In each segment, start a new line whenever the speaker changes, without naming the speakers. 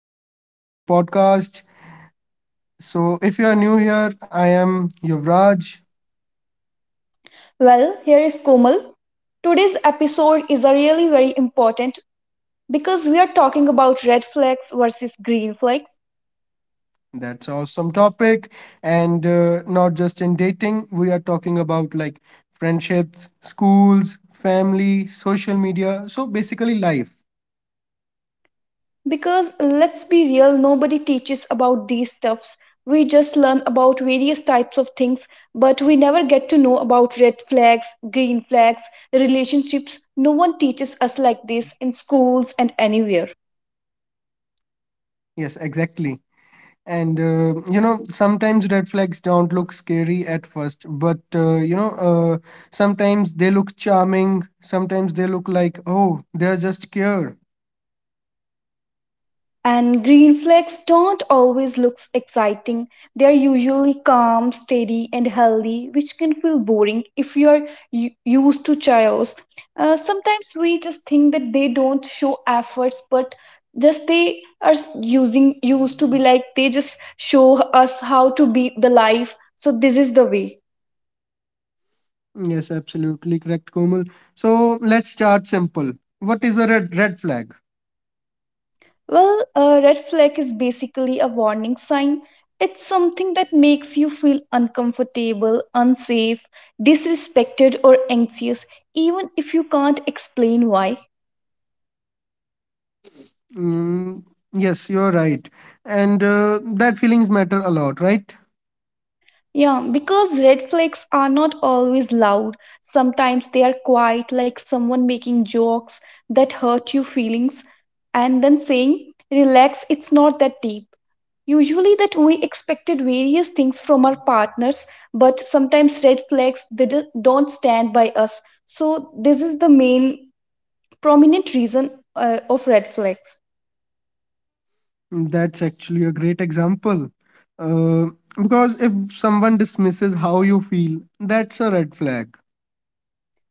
welcome back to our podcast. So, if you are new here, I am Yuvraj.
Well, here is Komal. Today's episode is a really very important because we are talking about red flags versus green flags.
That's awesome topic, and not just in dating, we are talking about like friendships, schools, family, social media. So, basically, life.
Because let's be real, nobody teaches about these stuffs. We just learn about various types of things, but we never get to know about red flags, green flags, relationships. No one teaches us like this in schools and anywhere.
Yes, exactly. And sometimes red flags don't look scary at first, but sometimes they look charming, sometimes they look like, oh, they're just care.
And green flags don't always look exciting. They're usually calm, steady, and healthy, which can feel boring if you're used to chaos. Sometimes we just think that they don't show efforts, but just they are s- using used to be like they just show us how to be the life. So this is the way.
Yes, absolutely correct, Komal. So let's start simple. What is a red flag?
Well, a red flag is basically a warning sign. It's something that makes you feel uncomfortable, unsafe, disrespected, or anxious, even if you can't explain why.
Mm, yes, you're right, and that feelings matter a lot, right?
Yeah, because red flags are not always loud. Sometimes they are quiet, like someone making jokes that hurt your feelings and then saying, Relax, it's not that deep. Usually, that we expected various things from our partners, but sometimes red flags they don't stand by us. So, this is the main prominent reason of red flags.
Mm, that's actually a great example. Uh, because if someone dismisses how you feel, that's a red flag.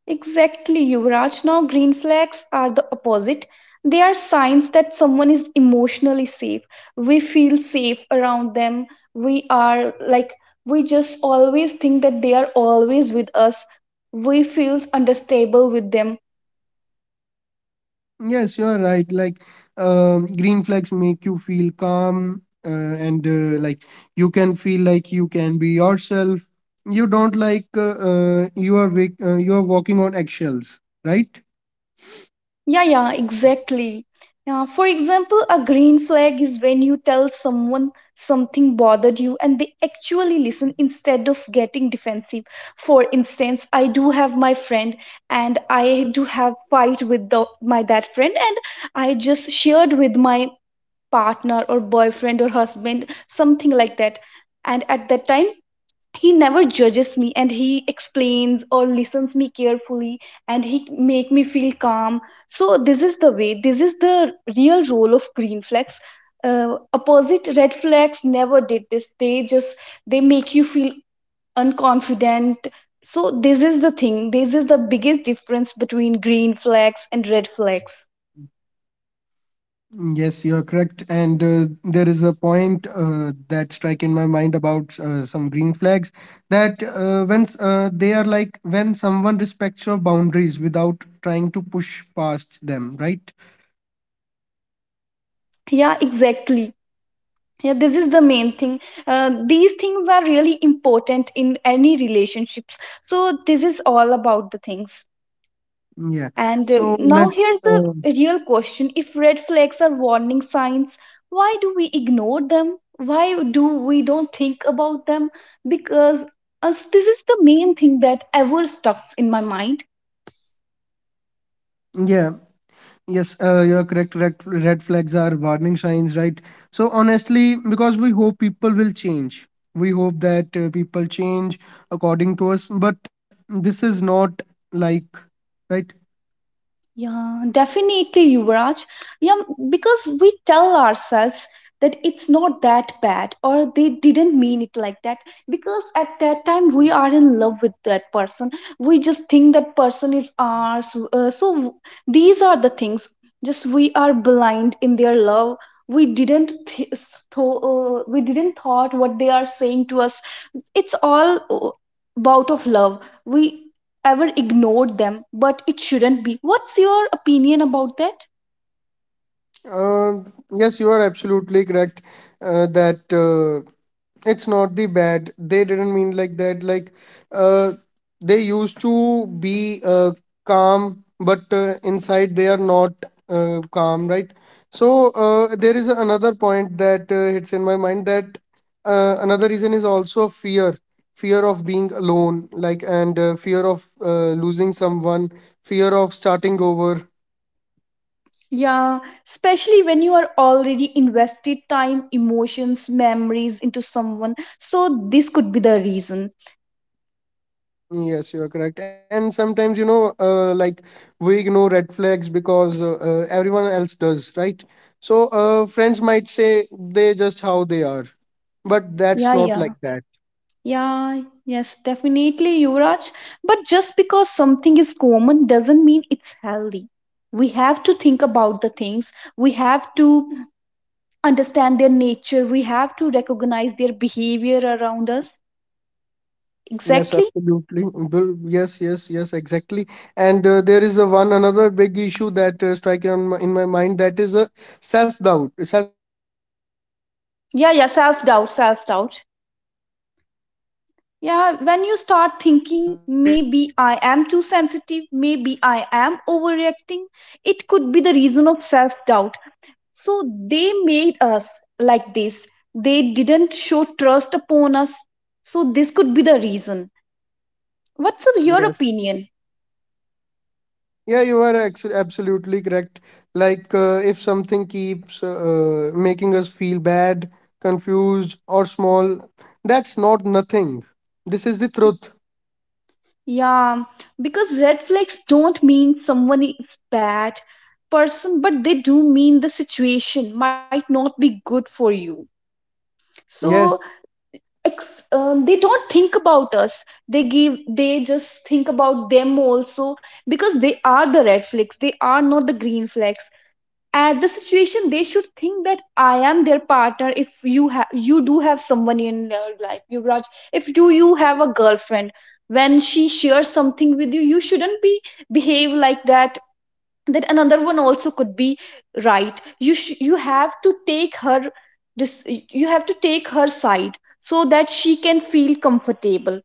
Exactly, Yuvraj. Now, green flags are the opposite. They are signs that someone is emotionally safe. We feel safe around them. We are like, we just always think that they are always with us. We feel understable with them.
Yes, you're right. Like, green flags make you feel calm, and like you can feel like you can be yourself. You don't like you are walking on eggshells, right?
Yeah, yeah, exactly. Yeah, for example, a green flag is when you tell someone something bothered you and they actually listen instead of getting defensive. For instance, I do have my friend and I do have fight with my that friend and I just shared with my partner or boyfriend or husband something like that. And at that time, he never judges me and he explains or listens me carefully and he make me feel calm. So this is the way. This is the real role of green flags. Opposite red flags never did this. They just they make you feel unconfident. So this is the thing. This is the biggest difference between green flags and red flags.
Yes, you are correct. And there is a point that strike in my mind about some green flags that when they are like when someone respects your boundaries without trying to push past them, right?
Yeah, exactly. Yeah, this is the main thing. These things are really important in any relationships. So this is all about the things.
Yeah.
And
So
Now
let's.
here's the real question. If red flags are warning signs, why do we ignore them? Why do we don't think about them? Because this is the main thing that ever stuck in my mind.
Yeah, yes, you're correct. Red flags are warning signs, right? So, honestly, because we hope people will change, we hope that people change according to us, but this is not like, right?
Yeah, definitely, Yuvraj. Yeah, because we tell ourselves that it's not that bad or they didn't mean it like that, because at that time we are in love with that person. We just think that person is ours. So these are the things. Just we are blind in their love. We didn't th- we didn't thought what they are saying to us. It's all bout of love. We ever ignored them, but it shouldn't be. What's your opinion about that?
Uh yes, you are absolutely correct that it's not the bad. They didn't mean like that. Like uh, they used to be calm, but inside they are not calm, right? So there is another point that hits in my mind that another reason is also fear, fear of being alone, like and fear of losing someone, fear of starting over.
Yeah, especially when you are already invested time, emotions, memories into someone. So this could be the reason.
Yes, you are correct. And sometimes, like we ignore red flags because everyone else does, right? So, friends might say they just how they are, but
Yeah,
that's not
yeah.
like that.
Yeah, yes, definitely, Yuvraj. But just because something is common doesn't mean it's healthy. We have to think about the things. We have to understand their nature. We have to recognize their behavior around us.
Yes,
Exactly.
absolutely. Well, yes, yes, yes, exactly. And there is a one another big issue that strike in my mind that is a self-doubt, self-doubt. So, when
Yeah, yeah,
you
self
don't
doubt,
trust
self doubt.
yourself, you question your own
Yeah,
feelings,
when you start thinking,
right?
maybe I am too sensitive, maybe I am overreacting, it could be the reason of self doubt. So they made us like this. They didn't show trust upon us. So this could be the reason. What's of your
Yes.
opinion?
Yeah, you are ex absolutely correct. Like, if something keeps making us feel bad, confused, or small, that's not nothing. This is the truth.
Yeah, because red flags don't mean someone is bad person, but they do mean the situation might not be good for you. So
Yes.
they don't think about us. They just think about them also, because they are the red flags, they are not the green flags. At the situation they should think that I am their partner. If you do have someone in your life, you Yuvraj, if do you have a girlfriend, when she shares something with you shouldn't be behave like that another one also could be, right? you sh- you have to take her dis- you have to take her side so that she can feel comfortable.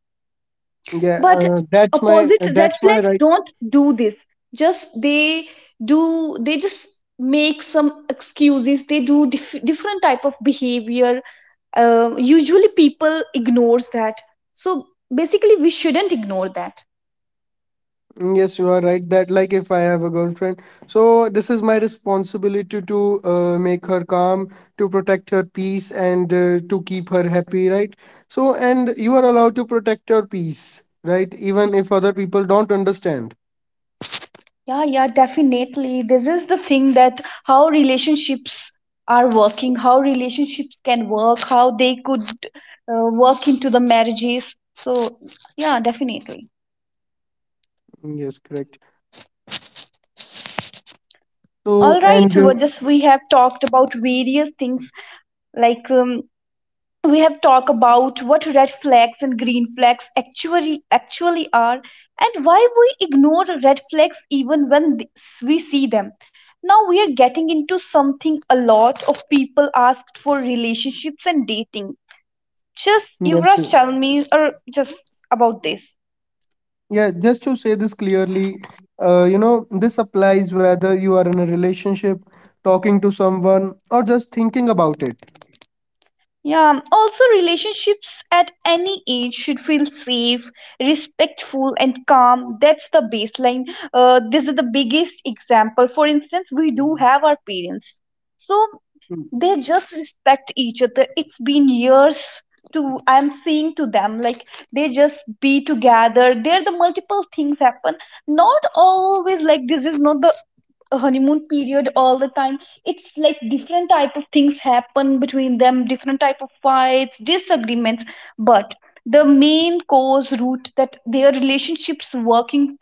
Yeah.
But
That's my.
opposite red
That's my
flags
right.
don't do this. Just they just make some excuses. They do different type of behavior. Usually people ignores that, so basically we shouldn't ignore that.
Mm, yes, you are right. That like, if I have a girlfriend, so this is my responsibility to make her calm, to protect her peace, and to keep her happy. Right. So, and you are allowed to protect your peace. Right. Even if other people don't understand.
Yeah, yeah, definitely. This is the thing, that how relationships are working, how relationships can work, how they could work into the marriages. So, yeah, definitely.
Yes, correct. So,
All right,
and.
we have talked about various things, like um, we have talked about what red flags and green flags actually are, and why we ignore red flags even when we see them. Now we are getting into something a lot of people asked for, relationships and dating. Just
Yeah,
you rush,
sure.
tell me, or just about this.
Yeah, just to say this clearly, this applies whether you are in a relationship, talking to someone, or just thinking about it.
Yeah, also relationships at any age should feel safe, respectful, and calm. That's the baseline. This is the biggest example. For instance, we do
Mhm.
have our parents. So
Mm.
they just respect each other. It's been years to I'm seeing to them, like they just be together. There the multiple things happen, not always like This is not the honeymoon period all the time. It's like different type of things happen between them, different type of fights, disagreements. But the main cause root that their relationships working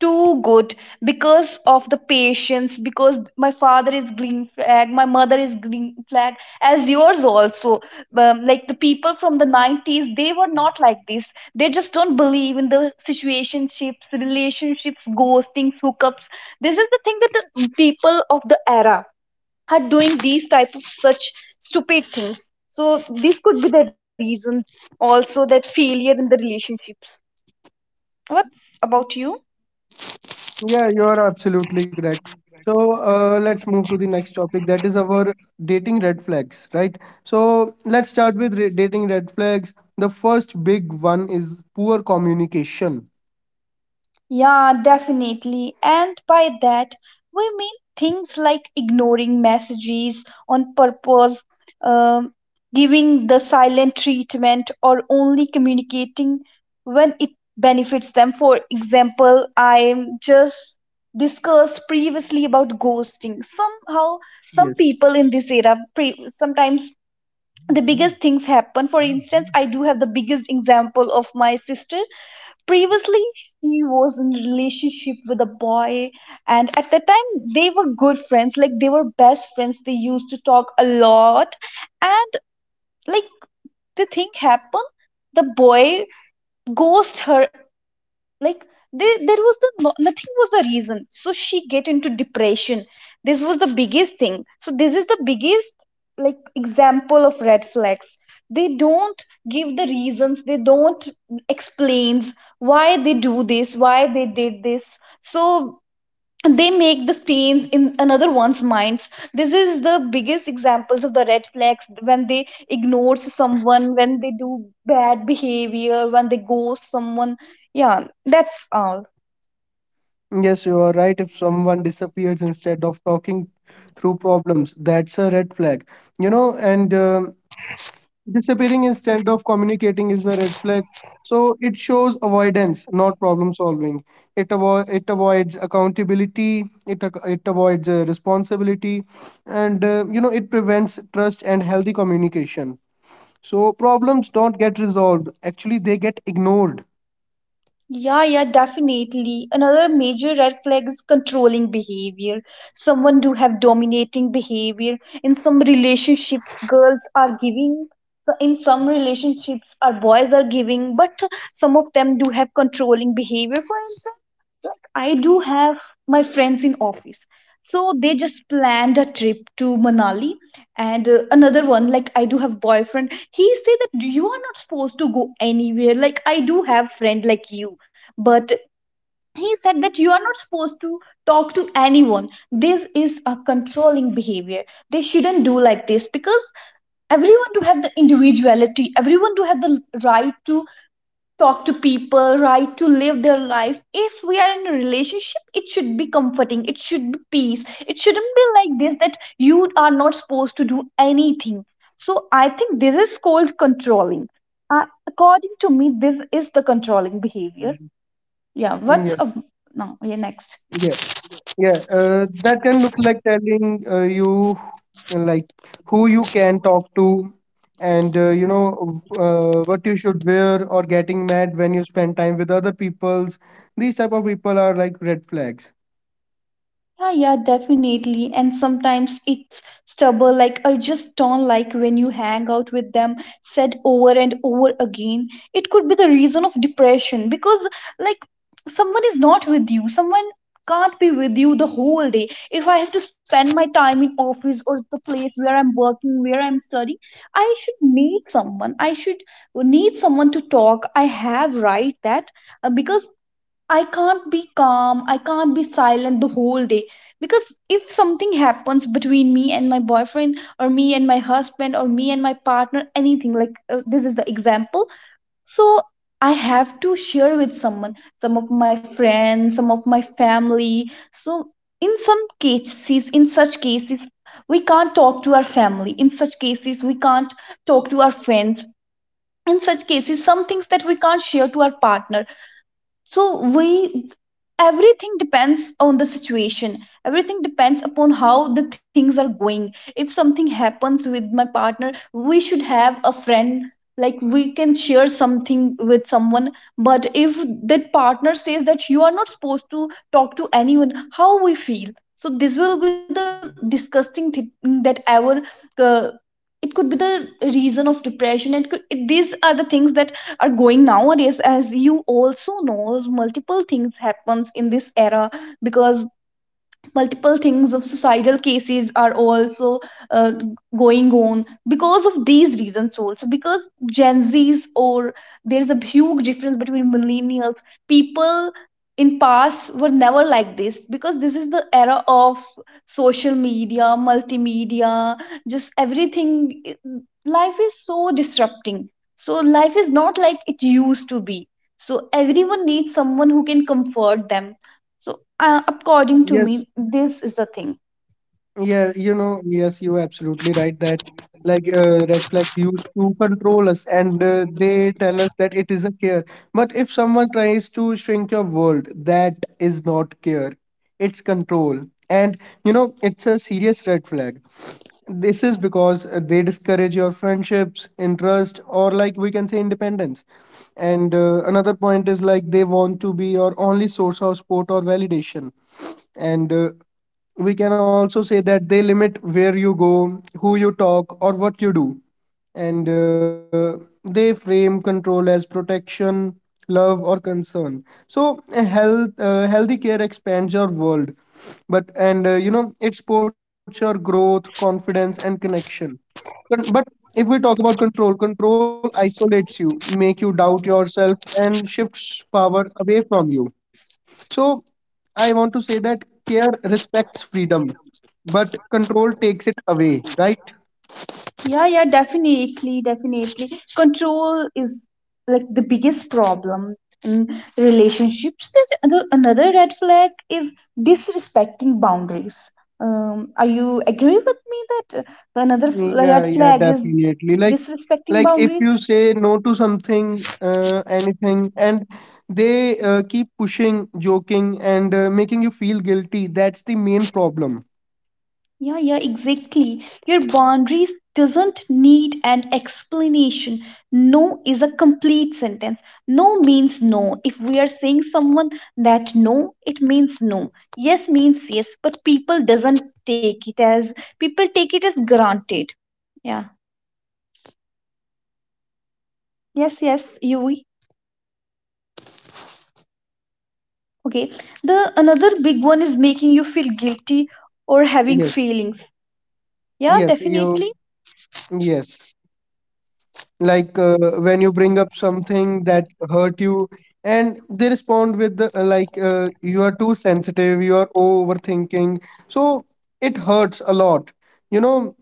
too good, because of the patience, because my father is green flag, my mother is green flag, as yours also. Like the people from the 90s, they were not like this. They just don't believe in the situationships, relationships, ghostings, hookups. This is the thing, that the people of the era are doing these type of such stupid things. So this could be the reason also, that failure in the relationships. What's about you?
Yeah, you are absolutely correct. So, let's move to the next topic that is our dating red flags, right? So, let's start with re dating red flags. The first big one is poor communication.
Yeah, definitely. And by that, we mean things like ignoring messages on purpose, um, giving the silent treatment, or only communicating when it benefits them. For example, I just discussed previously about ghosting. Somehow, some
Yes.
people in this era, sometimes the biggest things happen. For instance, I do have the biggest example of my sister. Previously, she was in relationship with a boy, and at the time they were good friends. Like they were best friends. They used to talk a lot, and like the thing happened, the boy ghosted her. Like there was the nothing was the reason, so she get into depression. This was the biggest thing. So this is the biggest like example of red flags. They don't give the reasons. They don't explains why they do this, why they did this. So they make the stains in another one's minds. This is the biggest examples of the red flags, when they ignore someone, when they do bad behavior, when they ghost someone. Yeah, that's all.
Yes, you are right. If someone disappears instead of talking through problems, that's a red flag. And disappearing instead of communicating is a red flag. So it shows avoidance, not problem solving. It avoids accountability. It avoids responsibility, and it prevents trust and healthy communication. So
Y-
problems don't get resolved. Actually, they get ignored.
yeah, yeah, definitely. Another major red flag is controlling behavior. Someone do have dominating behavior. In some relationships girls are giving, so in some relationships our boys are giving, but some of them do have controlling behavior. For instance, like I do have my friends in office. So they just planned a trip to Manali, and another one, like I do have boyfriend. He say that you are not supposed to go anywhere, like I do have friend like you, but he said that you are not supposed to talk to anyone. This is a controlling behavior. They shouldn't do like this, because everyone to have the individuality. Everyone to have the right to talk to people, right? To live their life. If we are in a relationship, it should be comforting, it should be peace. It shouldn't be like this that you are not supposed to do anything. So I think this is called controlling. According to me, this is the controlling behavior.
Mhm.
Yeah, what's
Yeah.
up now? Yeah, next.
Yeah. Yeah, that can look like telling you like who you can talk to and what you should wear or getting mad when you spend time with other people's. These type of people are like red flags.
Yeah, yeah, definitely. And sometimes it's stubborn, like I just don't like when you hang out with them, said over and over again. It could be the reason of depression because, like, someone is not with you, someone can't be with you the whole day. If I have to spend my time in office, or the place where I'm working, where I'm studying, I should need someone. I should need someone to talk. I have right that because I can't be calm, I can't be silent the whole day. Because if something happens between me and my boyfriend, or me and my husband, or me and my partner, anything like this is the example. So I have to share with someone, some of my friends, some of my family. So in some cases, in such cases, we can't talk to our family. In such cases, we can't talk to our friends. In such cases, some things that we can't share to our partner, so we, everything depends on the situation. Everything depends upon how the things are going. If something happens with my partner, we should have a friend, like we can share something with someone. But if that partner says that you are not supposed to talk to anyone how we feel, so this will be the disgusting thing that ever. uh, it could be the reason of depression. These are the things that are going nowadays. As you also knows, multiple things happens in this era, because multiple things of societal cases are also, uh, going on because of these reasons also, because gen z's or there's a huge difference between millennials. People in past were never like this, because this is the era of social media, multimedia, just everything. it- Life is so disrupting, so life is not like it used to be. So everyone needs someone who can comfort them. So, according to
Yes.
me, this is the thing.
Yeah, yes, you're absolutely right that like red flags used to control us and they tell us that it is a care. But if someone tries to shrink your world, that is not care, it's control. And it's a serious red flag. This is because they discourage your friendships, interest, or like we can say independence. And another point is like they want to be your only source of support or validation. And we can also say that they limit where you go, who you talk, or what you do, and they frame control as protection, love, or concern. So a healthy care expands your world, but and it supports your growth, confidence, and connection. But, if we talk about control, control isolates you, make you doubt yourself, and shifts power away from you. So I want to say that care respects freedom, but control takes it away, right?
Yeah, yeah, definitely, definitely. Control is like the biggest problem in relationships. Another red flag is disrespecting boundaries. Are you agree with me that the red
Yeah, yeah,
flag is
definitely. Like,
disrespecting boundaries?
like if you say no to something, anything, and they keep pushing, joking, and making you feel guilty, that's the main problem.
Yeah, yeah, exactly. Your boundaries doesn't need an explanation. No is a complete sentence. No means no. If we are saying someone that no, it means no. Yes means yes, but people doesn't take it as, people take it as granted. Yeah. Yes, yes, you, okay. The another big one is making you feel guilty or having
Yes,
feelings. Yeah,
yes,
definitely.
you, yes. Like when you bring up something that hurt you and they respond with the, like you are too sensitive, you are overthinking. So it hurts a lot you know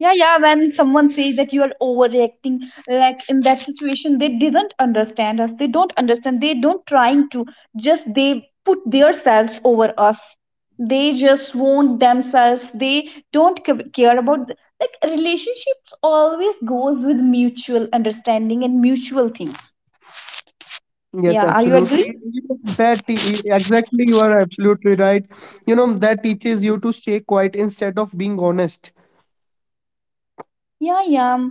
Yeah, yeah, when someone says that you are overreacting, like in that situation, they didn't understand us. They don't understand. They don't trying to, just they put themselves over us. They just want themselves. They don't care about, like, relationships always goes with mutual understanding and mutual things.
yes,
Yeah, are you agree?
absolutely. Exactly, you are absolutely right. You know that teaches you to stay quiet instead of being honest.
Yeah, yeah.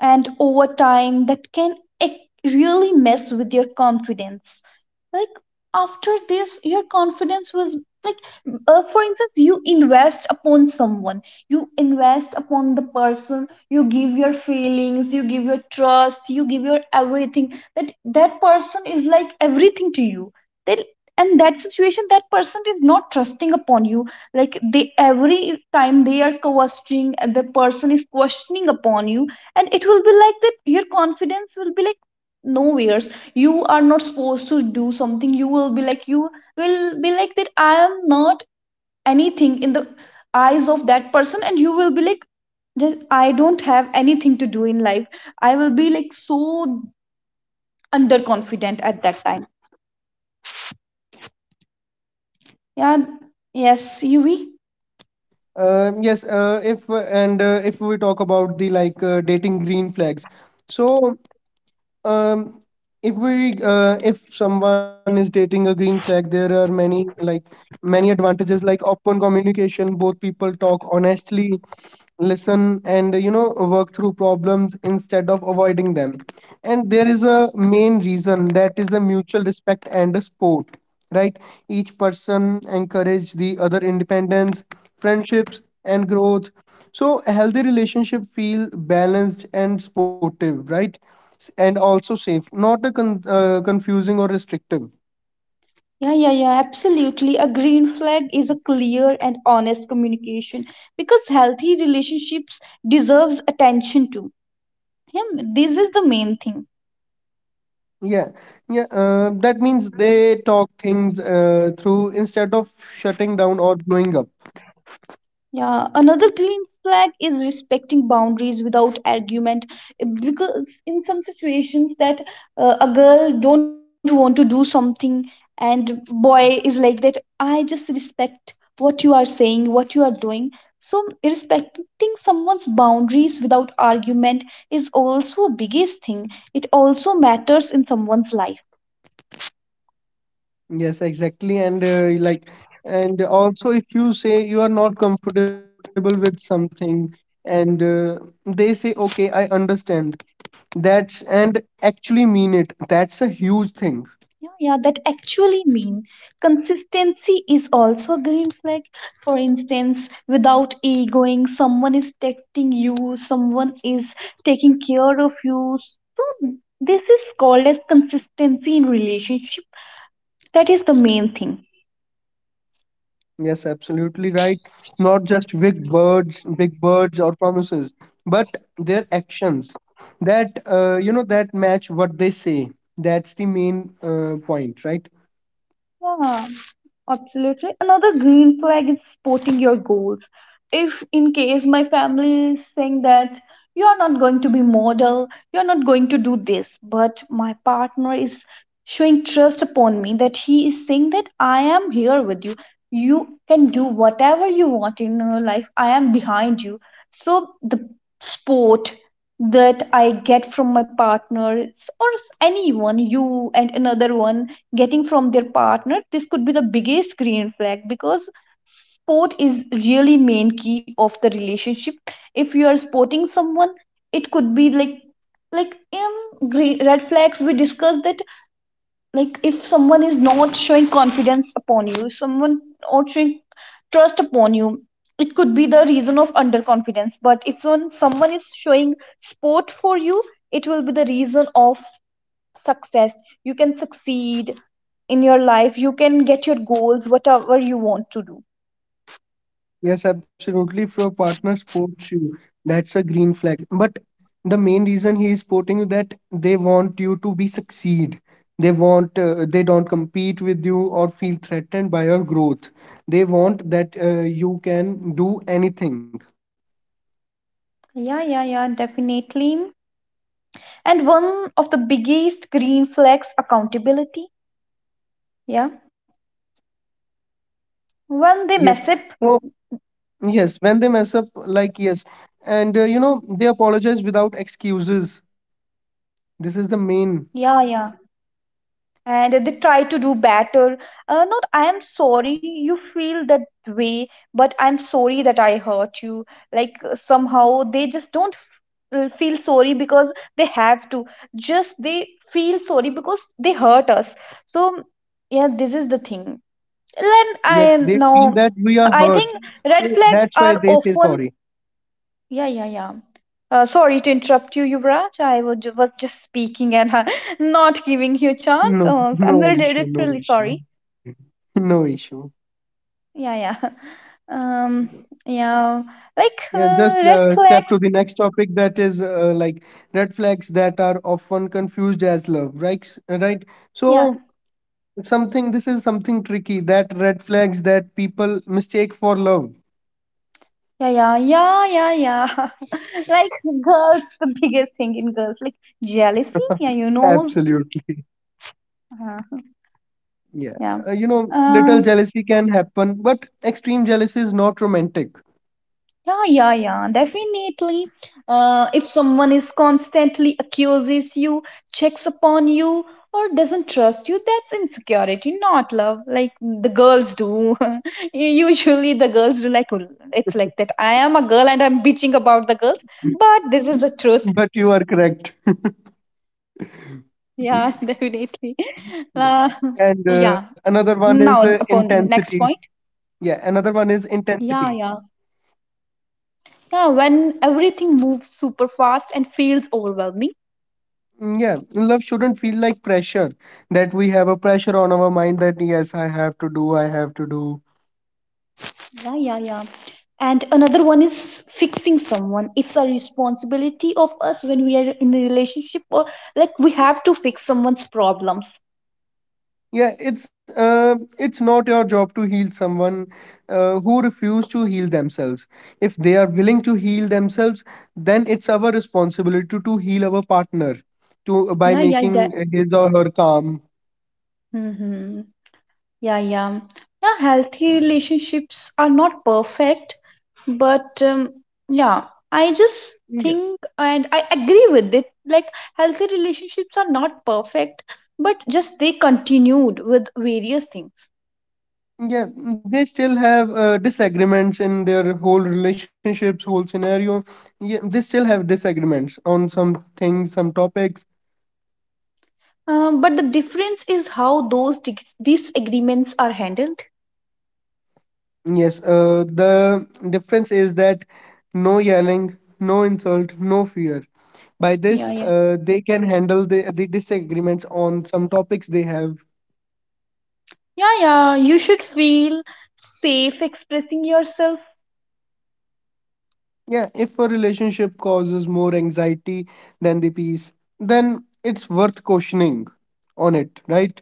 And over time, that can really mess with your confidence. Like, after this, your confidence was like, for instance, you invest upon someone, you invest upon the person, you give your feelings, you give your trust, you give your everything. That that person is like everything to you. That, and that situation, that person is not trusting upon you, like they every time they are questioning, and the person is questioning upon you, and it will be like that your confidence will be like nowheres. You are not supposed to do something. You will be like, you will be like that I am not anything in the eyes of that person, and you will be like, just I don't have anything to do in life. I will be like so underconfident at that time. Yeah. Yes, Yuvi.
Yes, if and if we talk about the like dating green flags, so um if we if someone is dating a green flag, there are many, like, many advantages, like open communication. Both people talk honestly, listen, and work through problems instead of avoiding them. And there is a main reason, that is a mutual respect and a sport, right? Each person encourage the other independence, friendships, and growth. So a healthy relationship feel balanced and sportive, right? And also safe, not a confusing or restrictive.
Yeah, yeah, yeah, absolutely. A green flag is a clear and honest communication, because healthy relationships deserves attention too. Yeah, this is the main thing.
Yeah, yeah. That means they talk things through instead of shutting down or blowing up.
Yeah, another green flag is respecting boundaries without argument, because in some situations that, a girl don't want to do something, and boy is like that, I just respect what you are saying, what you are doing. So respecting someone's boundaries without argument is also a biggest thing. It also matters in someone's life.
Yes, exactly. And like, and also if you say you are not comfortable with something, and they say, okay, I understand. That's and actually mean it. That's a huge thing.
Yeah, yeah, that actually mean consistency is also a green flag. For instance, without egoing, someone is texting you, someone is taking care of you. So this is called as consistency in relationship. That is the main thing.
Yes, absolutely right. Not just big words or promises, but their actions that you know that match what they say. That's the main point, right?
Yeah, absolutely. Another green flag is supporting your goals. If in case my family is saying that you are not going to be model, you are not going to do this, but my partner is showing trust upon me, that he is saying that I am here with you. You can do whatever you want in your life. I am behind you. So the sport that I get from my partners or anyone, you, and another one getting from their partner, this could be the biggest green flag, because sport is really main key of the relationship. If you are sporting someone, it could be like in green, red flags we discussed that, like if someone is not showing confidence upon you, someone not showing trust upon you, it could be the reason of underconfidence. But if someone is showing sport for you, it will be the reason of success. You can succeed in your life. You can get your goals, whatever you want to do.
Yes, absolutely. If your partner supports you, that's a green flag. But the main reason he is supporting you, that they want you to be succeed. They want they don't compete with you or feel threatened by your growth. They want that you can do anything.
Yeah, yeah, yeah, definitely. And one of the biggest green flags, accountability. Yeah, when they
Yes.
mess up.
So yes, when they mess up, like yes, and you know they apologize without excuses. This is the main.
Yeah, yeah. And they try to do better, not I am sorry you feel that way, but I'm sorry that I hurt you. Like, somehow they just don't feel sorry because they have to, just they feel sorry because they hurt us. So yeah, this is the thing. Then I
Yes, they
know.
feel that we are
I
hurt,
think
so
red flags
that's why
are
they say
often.
sorry.
Yeah, yeah, yeah. Sorry to interrupt you, Yuvraj. I was was just speaking and not giving you a chance.
No,
Oh, so I'm
no
really
issue, no
literally
issue,
sorry.
no issue.
Yeah, yeah. Um, yeah. Like
Yeah, just
red
step
flags.
to the next topic, that is like red flags that are often confused as love, right? Right.
Yeah,
So something, this is something tricky, that red flags that people mistake for love.
yeah, yeah, yeah, yeah, yeah. Like girls, the biggest thing in girls, like jealousy. Yeah, you know.
Absolutely.
Uh,
Yeah,
yeah.
you know,
Uh,
little jealousy can happen, but extreme jealousy is not romantic.
Yeah, yeah, yeah, definitely. If someone is constantly accuses you, checks upon you, or doesn't trust you, that's insecurity, not love. Like the girls do. Usually, the girls do, like it's like that. I am a girl and I'm bitching about the girls,
Mm.
but this is the truth.
But you are correct.
Yeah, definitely. Uh,
Yeah.
yeah.
And
Now,
another one
upon
is
next point.
intensity. Yeah, another one
Yeah,
is
yeah.
intensity.
Yeah, when everything moves super fast and feels overwhelming.
Mm, yeah, love shouldn't feel like pressure, that we have a pressure on our mind that yes, I have to do, I have to do.
Yeah, yeah, yeah. And another one is fixing someone. It's a responsibility of us when we are in a relationship, or like we have to fix someone's problems.
Yeah, it's not your job to heal someone who refuse to heal themselves. If they are willing to heal themselves, then it's our responsibility to heal our partner, to by
Yeah, yeah, that,
making his or her calm.
hmm, yeah, yeah, yeah. Healthy relationships are not perfect, but yeah, I just
Yeah.
think and I agree with it, like healthy relationships are not perfect, but just they continued with various things.
Yeah, they still have disagreements in their whole relationships, whole scenario. Yeah, they still have disagreements on some things, some topics.
But the difference is how those disagreements are handled.
Yes, the difference is that no yelling, no insult, no fear. By
Yeah,
this,
yeah.
they can handle the disagreements on some topics they have.
Yeah, yeah, you should feel safe expressing yourself.
Yeah, if a relationship causes more anxiety than the peace, then it's worth questioning on it, right?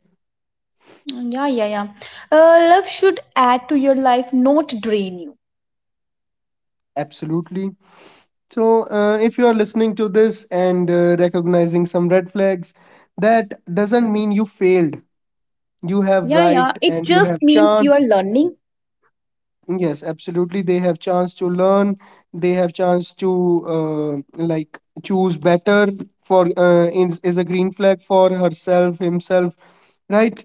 Mm, yeah, yeah, yeah. Love should add to your life, not drain you.
Absolutely. So, if you are listening to this and recognizing some red flags, that doesn't mean you failed. You have
Yeah, yeah,
right
it
and you have
just means you
chance.
are learning.
Yes, absolutely. They have chance to learn. They have chance to like choose better for is a green flag for herself, himself, right?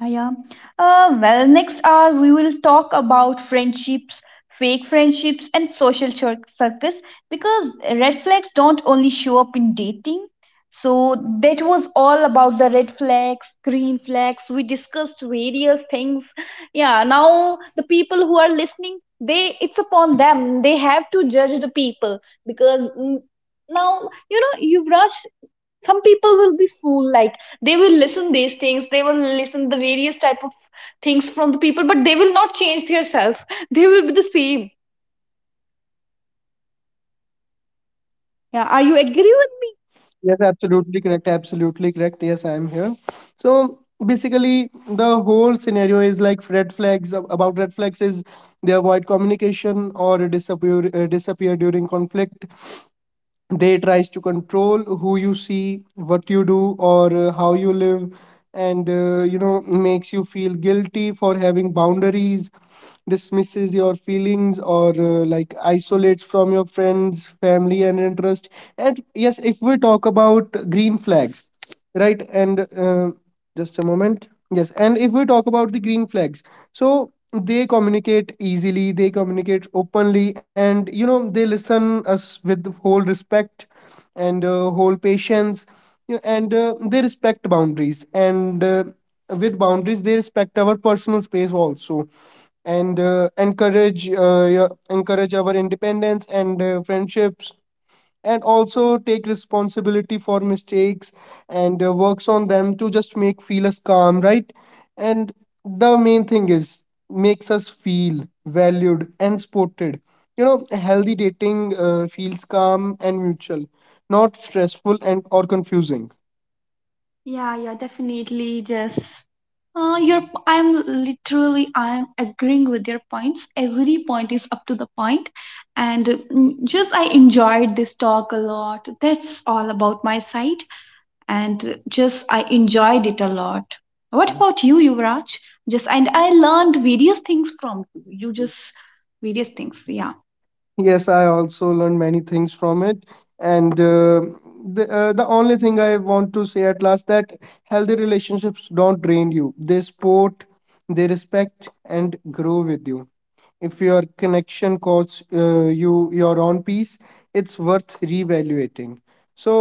Yeah, yeah. Well, next hour we will talk about friendships, fake friendships, and social circus, because red flags don't only show up in dating. So, that was all about the red flags, green flags. We discussed various things. Yeah, now the people who are listening, they, it's upon them. They have to judge the people, because mm, now, you know, Yuvraj, some people will be fool. Like, they will listen these things, they will listen the various type of things from the people, but they will not change their self. They will be the same. Yeah, are you agree with,
Yes, absolutely correct. Absolutely correct. Yes, I am here. So basically, the whole scenario is like red flags. About red flags is, they avoid communication or disappear during conflict. They tries to control who you see, what you do, or how you live, and you know makes you feel guilty for having boundaries, dismisses your feelings, or like isolates from your friends, family, and interest. And yes, if we talk about green flags, right, and just a moment. Yes, and if we talk about the green flags, so they communicate easily, they communicate openly, and you know they listen us with the whole respect and whole patience. You know, and they respect boundaries, and with boundaries they respect our personal space also, and encourage yeah, encourage our independence and friendships, and also take responsibility for mistakes and works on them to just make feel us calm, right? And the main thing is, makes us feel valued and supported. You know healthy dating feels calm and mutual, not stressful and or confusing.
yeah, yeah, definitely. Just your I I'm literally I'm agreeing with your points. Every point is up to the point. And mm, just I enjoyed this talk a lot. That's all about my side, and just I enjoyed it a lot. What about you, Yuvraj? Just, and I learned various things from you. You just, various things, yeah.
Yes, I also learned many things from it. And the only thing I want to say at last, that healthy relationships don't drain you. They support, they respect, and grow with you. If your connection costs you your own peace, it's worth reevaluating. So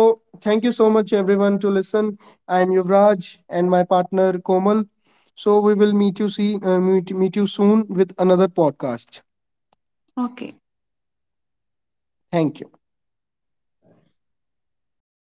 thank you so much everyone to listen. I'm Yuvraj and my partner Komal. So we will meet you, see meet you soon with another podcast.
Okay.
Thank you.